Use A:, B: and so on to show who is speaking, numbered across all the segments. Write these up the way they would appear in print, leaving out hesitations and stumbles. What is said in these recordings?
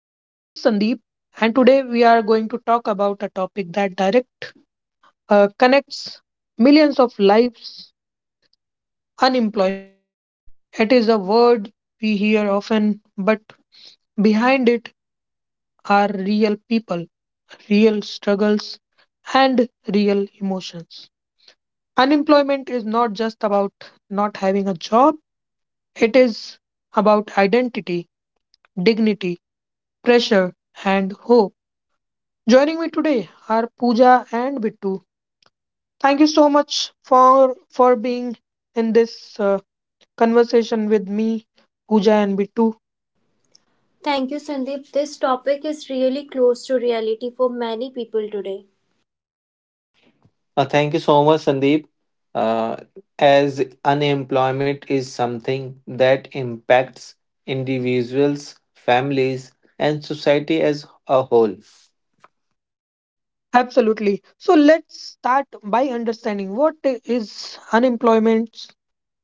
A: My name is Sandeep, and today we are going to talk about a topic that direct connects millions of lives unemployment. It is a word we hear often, but behind it are real people, real struggles, and real emotions. Unemployment is not just about not having a job, it is about identity, dignity, pressure, and hope. Joining me today are Pooja and Bittu. Thank you so much for being in this conversation with me, Pooja and Bittu.
B: Thank you, Sandeep. This topic is really close to reality for many people today.
C: Thank you so much, Sandeep. Uh, as unemployment is something that impacts individuals, families, and society as a whole.
A: Absolutely. So let's start by understanding what is unemployment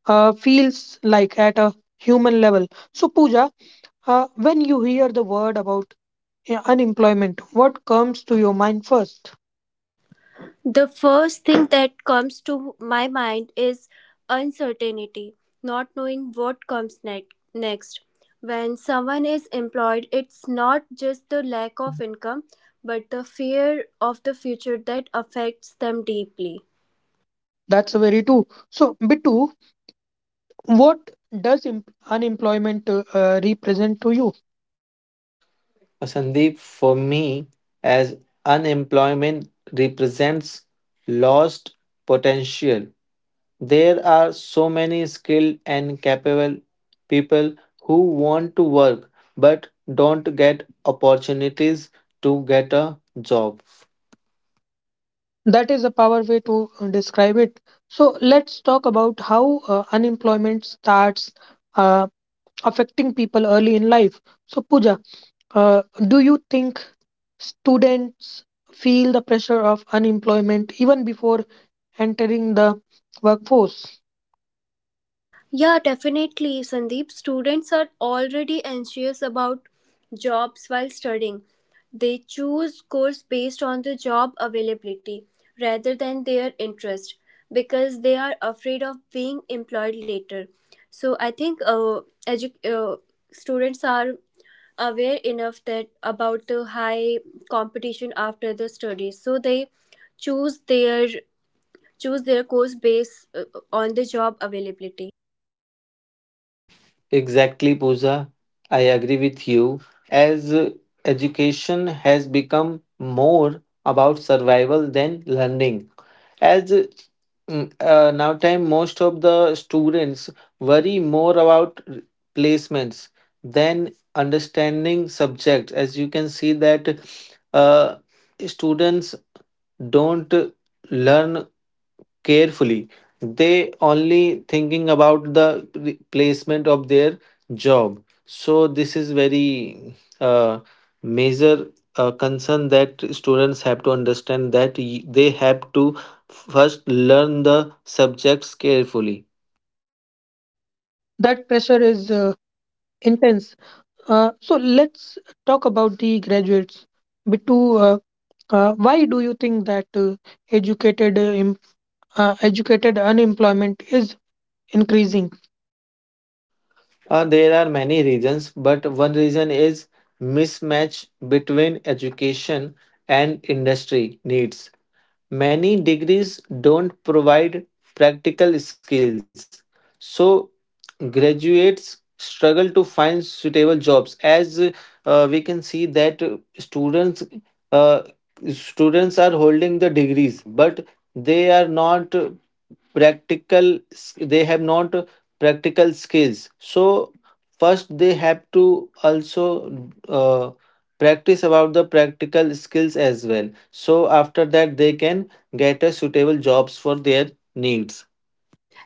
A: feels like at a human level. So Pooja, when you hear the word about unemployment, what comes to your mind first?
B: The first thing that comes to my mind is uncertainty, not knowing what comes next. When someone is employed, it's not just the lack of income, but the fear of the future that affects them deeply.
A: That's very true. So Bittu, what does unemployment represent to you?
C: Sandeep, for me, as unemployment represents lost potential. There are so many skilled and capable people who want to work but don't get opportunities to get a job.
A: That is a power way to describe it. So let's talk about how unemployment starts uh, affecting people early in life. So Pooja, uh, do you think students feel the pressure of unemployment even before entering the workforce?
B: Yeah, definitely, Sandeep. Students are already anxious about jobs while studying. They choose course based on the job availability rather than their interest because they are afraid of being employed later. So I think edu- students are aware enough that about the high competition after the studies. So they choose their choose their course based on the job availability.
C: Exactly, Pooja. I agree with you. As Education has become more about survival than learning. As uh, Now time most of the students worry more about placements than understanding subjects. As you can see that uh, students don't learn carefully, they only thinking about the placement of their job, so this is very uh, major concern that students have to understand that they have to first learn the subjects carefully.
A: That pressure is intense. So let's talk about the graduates. Bittu, why do you think that educated educated unemployment is increasing.
C: There are many reasons, but one reason is mismatch between education and industry needs. Many degrees don't provide practical skills, so graduates struggle to find suitable jobs. As We can see that students uh, students are holding the degrees, but they are not practical, they have not practical skills, so first they have to also uh, practice about the practical skills as well, so after that they can get a suitable jobs for their needs.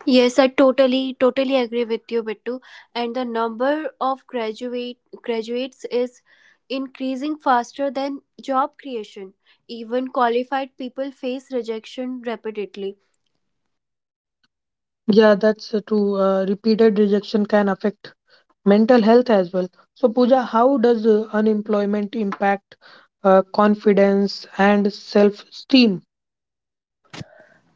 B: Yes, I totally agree with you, Bittu. And the number of graduates is increasing faster than job creation. Even qualified people face rejection repeatedly.
A: Yeah, that's true. Repeated rejection can affect mental health as well. So, Pooja, how does unemployment impact confidence and self-esteem?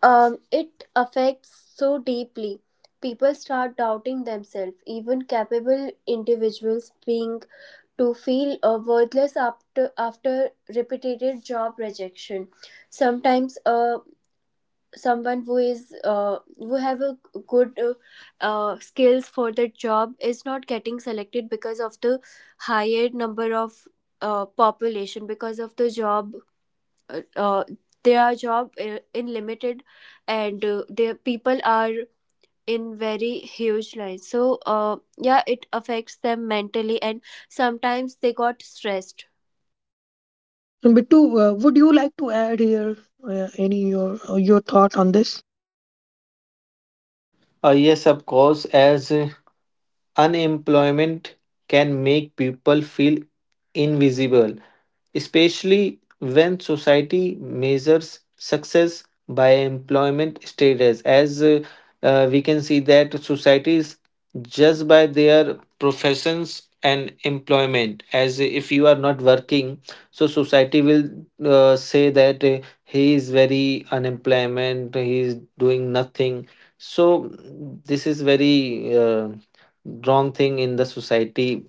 B: It affects so deeply. People start doubting themselves. Even capable individuals being to feel worthless after repeated job rejection. Sometimes a someone who is who have a good skills for the job is not getting selected because of the higher number of population because of the job uh, uh, their job in limited and their people are in very huge lines, so yeah, it affects them mentally and sometimes they got stressed.
A: And Bittu, would you like to add here any your thought on this?
C: Yes, of course, as unemployment can make people feel invisible, especially when society measures success by employment status. As We can see that societies judge by their professions and employment. As if you are not working, so society will say that he is very unemployment, he is doing nothing. So this is very wrong thing in the society.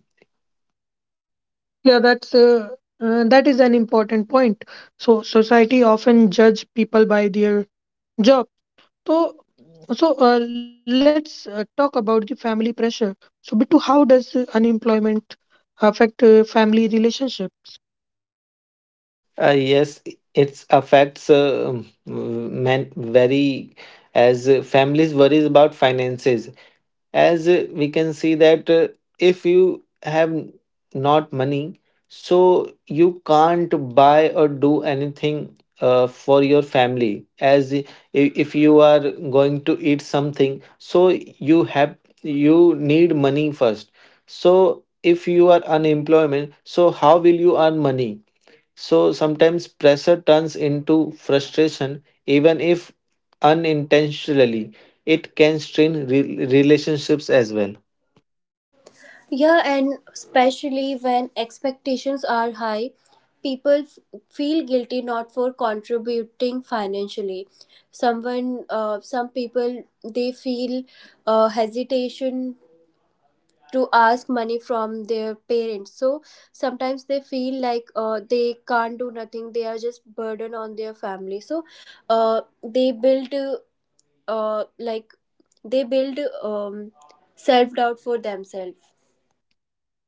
A: Yeah, that's that is an important point. So, society often judge people by their job. So, so, let's talk about the family pressure. So, Bittu, how does unemployment affect family relationship?
C: Yes, it affects men very, as families worries about finances. As We can see that if you have not money, so you can't buy or do anything for your family. As i- if you are going to eat something, so you have you need money first. So if you are unemployment, so how will you earn money? So sometimes pressure turns into frustration, even if unintentionally. It can strain relationships as well.
B: Yeah, and especially when expectations are high, people feel guilty not for contributing financially. Someone, some people, they feel hesitation to ask money from their parents. So sometimes they feel like they can't do nothing. They are just burden on their family. So uh, they build uh, like they build self doubt for themselves.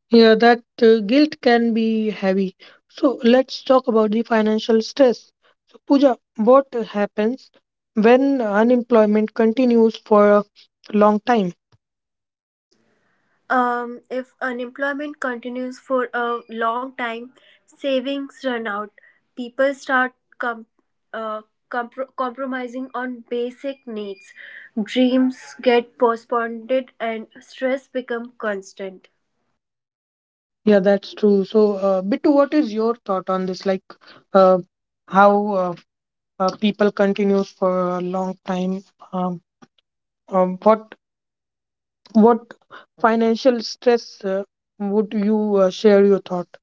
A: Yeah, that guilt can be heavy. So, let's talk about the financial stress. So, Pooja, what happens when unemployment continues for a long time?
B: If unemployment continues for a long time, savings run out. People start com- uh, compromising on basic needs. Dreams get postponed and stress become constant.
A: Yeah, that's true. So, Bittu, what is your thought on this? Like, uh, how people continues for a long time? Um, um, what What financial stress would you share your thought?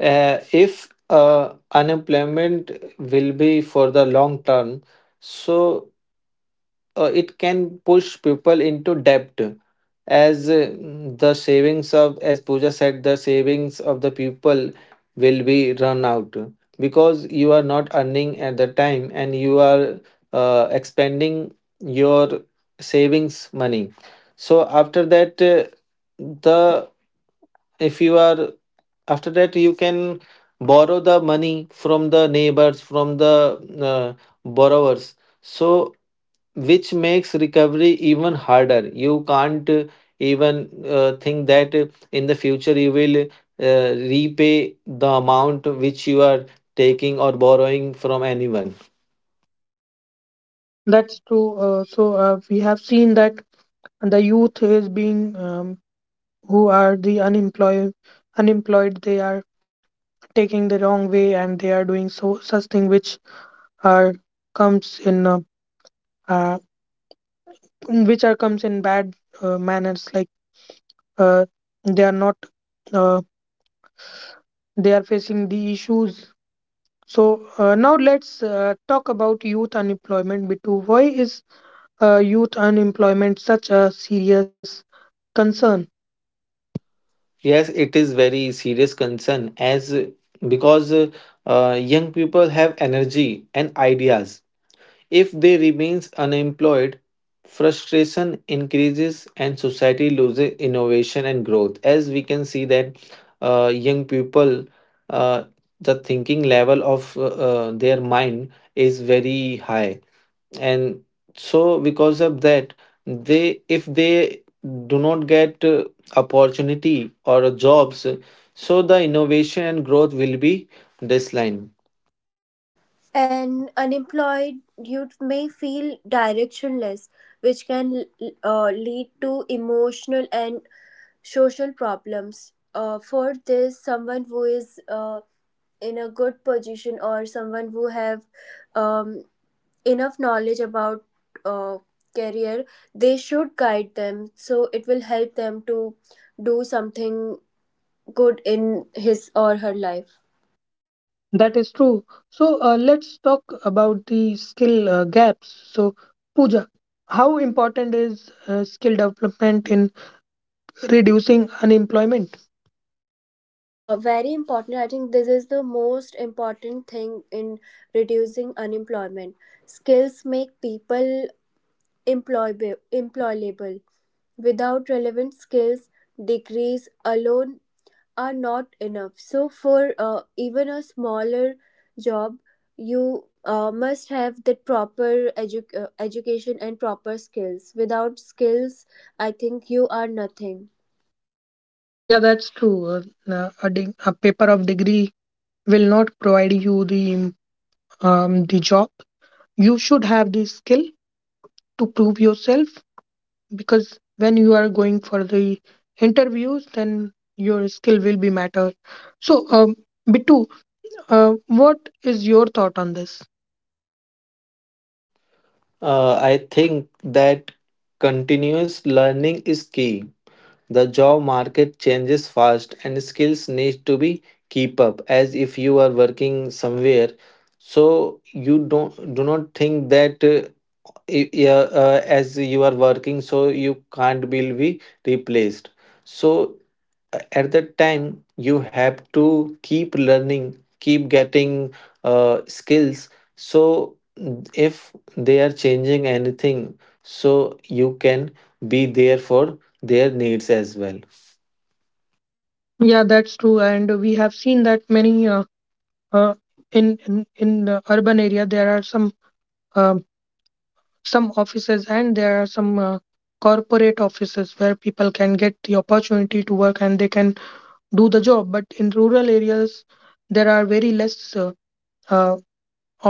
C: If unemployment will be for the long term, so it can push people into debt, as the savings of as Pooja said, the savings of the people will be run out because you are not earning at the time and you are expending your savings money. So after that, the if you are, after that you can borrow the money from the neighbors, from the uh, borrowers, so which makes recovery even harder. You can't even think that in the future you will repay the amount which you are taking or borrowing from anyone.
A: That's true. So we have seen that the youth is being who are the unemployed. They are taking the wrong way and they are doing so such thing which are comes in uh, which are comes in bad manners. Like uh, they are not uh, they are facing the issues. So now let's talk about youth unemployment. Bitu, why is youth unemployment such a serious concern.
C: Yes, it is very serious concern, as because young people have energy and ideas. If they remains unemployed, frustration increases and society loses innovation and growth. As we can see that young people, uh, the thinking level of their mind is very high, and so because of that, they if they do not get opportunity or jobs, so the innovation and growth will be this.
B: And unemployed youth may feel directionless, which can lead to emotional and social problems. For this, someone who is in a good position or someone who have um, enough knowledge about uh, career, they should guide them, so it will help them to do something good in his or her life.
A: That is true. So let's talk about the skill gaps. So, Pooja, how important is skill development in reducing unemployment?
B: Uh, very important. I think this is the most important thing in reducing unemployment. Skills make people employable employable. Without relevant skills, degrees alone are not enough. So, for even a smaller job, you must have the proper education and proper skills. Without skills, I think you are nothing.
A: Yeah, that's true. A a paper of degree will not provide you the job. You should have the skill to prove yourself because when you are going for the interviews then your skill will be matter so bitu what is your thought on this
C: I think that continuous learning is key. The job market changes fast and skills need to be keep up, as if you are working somewhere. So you don't do not think that as you are working so you can't be replaced. So at that time you have to keep learning, keep getting skills. So if they are changing anything, so you can be there for their needs as well.
A: yeah that's true and we have seen that many uh, in the urban area there are um some offices and there are some corporate offices where people can get the opportunity to work and they can do the job but in rural areas there are very less uh,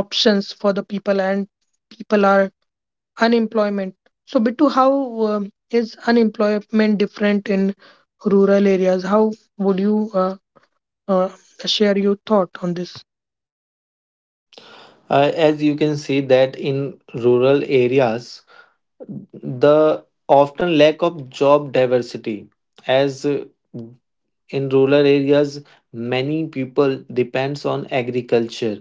A: options for the people and people are Unemployment. So, Bittu, how is unemployment different in rural areas? How would you uh, share your thought on this?
C: As you can see that in rural areas the often lack of job diversity. As In rural areas many people depends on agriculture,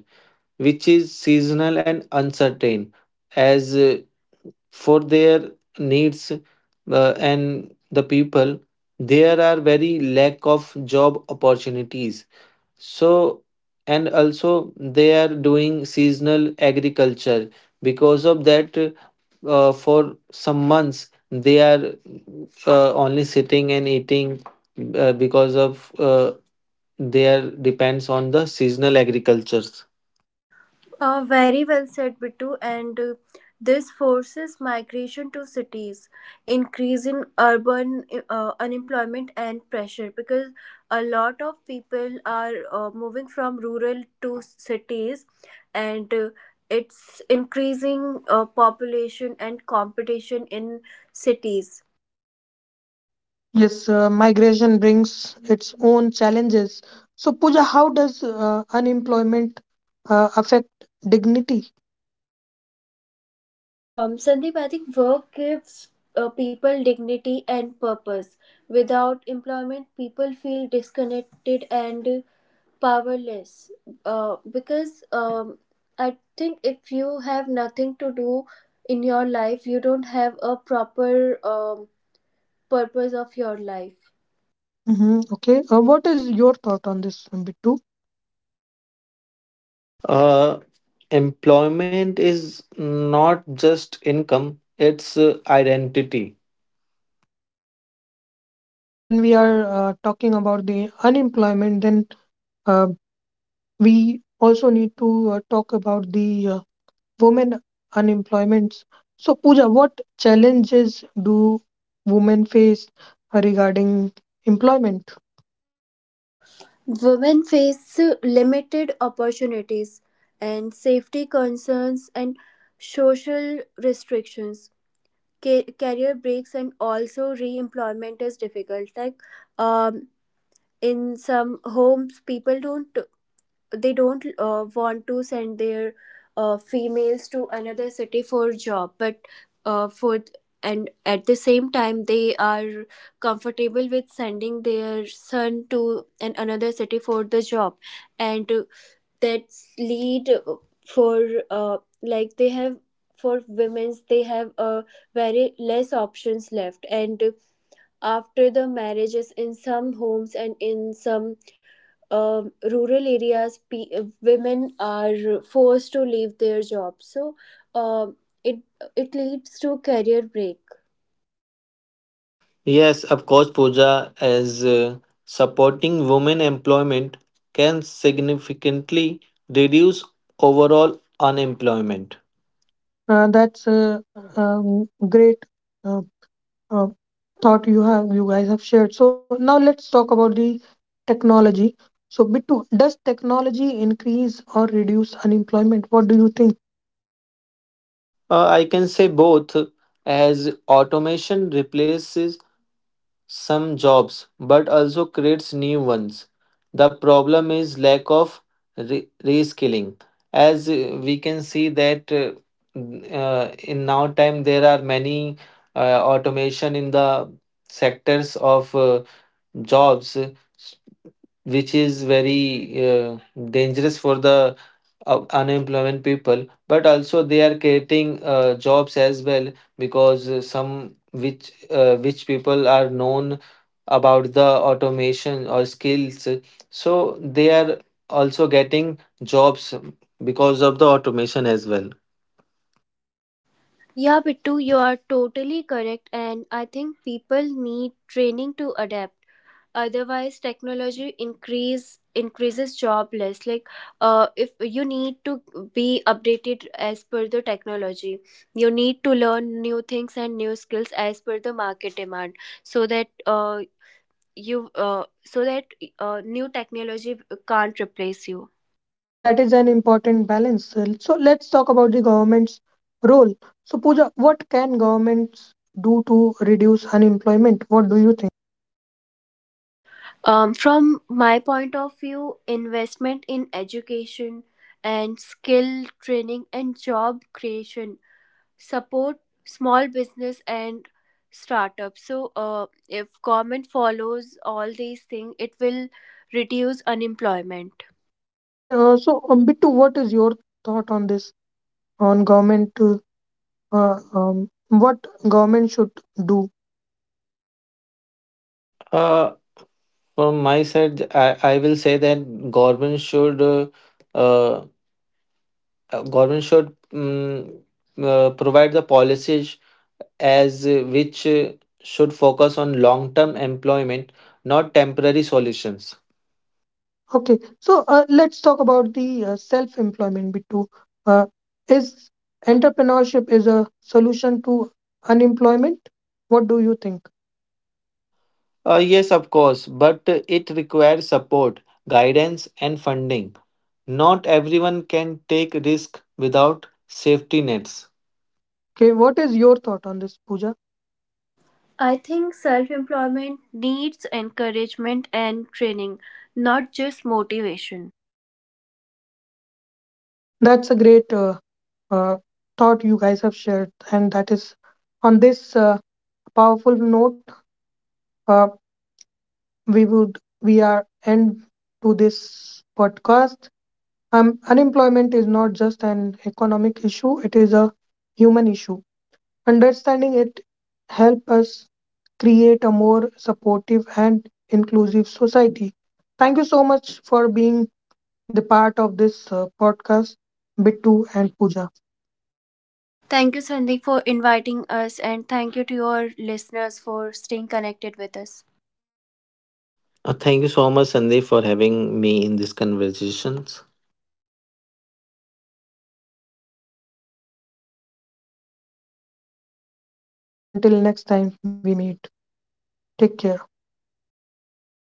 C: which is seasonal and uncertain. As For their needs and the people, there are very lack of job opportunities, so and also they are doing seasonal agriculture. Because of that, for some months they are only sitting and eating, because of their depends on the seasonal agriculture.
B: Very well said, Bittu. And this forces migration to cities, increase in urban unemployment and pressure, because a lot of people are moving from rural to cities, and it's increasing population and competition in cities.
A: Yes, migration brings its own challenges. So, Pooja, how does unemployment affect dignity?
B: Sandeep, I think work gives people dignity and purpose. Without employment, people feel disconnected and powerless. Because I think if you have nothing to do in your life, you don't have a proper purpose of your life.
A: Hmm. Okay, what is your thought on this, Bittu?
C: Uh, Employment is not just income, it's identity.
A: Yeah, when we are talking about the unemployment, then uh, we also need to talk about the women unemployment. So, Pooja, what challenges do women face regarding employment?
B: Women face limited opportunities and safety concerns and social restrictions, career breaks, and also re-employment is difficult. Like, um in some homes, people don't they don't want to send their females to another city for job, but for and at the same time they are comfortable with sending their son to an another city for the job. And that lead for, like, they have for women's, they have very less options left. And after the marriages, in some homes and in some rural areas, women are forced to leave their jobs, so um, it it leads to career break.
C: Yes, of course, Pooja, as supporting women employment can significantly reduce overall unemployment.
A: That's a great uh, uh, thought you have, you guys have shared. So, now let's talk about the technology. So, Bittu, does technology increase or reduce unemployment? What do you think?
C: I can say both, as automation replaces some jobs but also creates new ones. The problem is lack of reskilling. As We can see that in now time there are many automation in the sectors of jobs, which is very dangerous for the unemployment people, but also they are creating jobs as well, because some which people are known about the automation or skills, so they are also getting jobs because of the automation as well.
B: Yeah, Bittu, you are totally correct, and I think people need training to adapt. Otherwise technology increases jobless. Like, if you need to be updated as per the technology, you need to learn new things and new skills as per the market demand, so that uh, so that new technology can't replace you.
A: That is an important balance. So let's talk about the government's role. So Pooja, what can governments do to reduce unemployment? What do you think?
B: Um, from my point of view, investment in education and skill training and job creation, support small business and startups. So if government follows all these things, it will reduce unemployment.
A: Okay, so Bittu, what is your thought on this? On government, what government should do?
C: uh, from my side, I will say that uh, government should provide the policies, as which should focus on long term employment, not temporary solutions.
A: Okay, so let's talk about the self-employment. Bittu, uh, is entrepreneurship is a solution to unemployment? What do you think?
C: Yes, of course, but it requires support, guidance and funding. Not everyone can take risk without safety nets.
A: Okay, what is your thought on this, Pooja?
B: I think self employment needs encouragement and training, not just motivation.
A: That's a great uh, thought you guys have shared, and that is on this powerful note uh, we are end to this podcast. Unemployment is not just an economic issue; it is a human issue. Understanding it help us create a more supportive and inclusive society. Thank you so much for being the part of this podcast, Bittu and Pooja.
B: Thank you, Sandeep, for inviting us, and thank you to your listeners for staying connected with us.
C: Thank you so much, Sandeep, for having me in these conversations.
A: Thank you again. Thank you to our listeners. Then see you. Bye bye. Until next time we meet. Take care.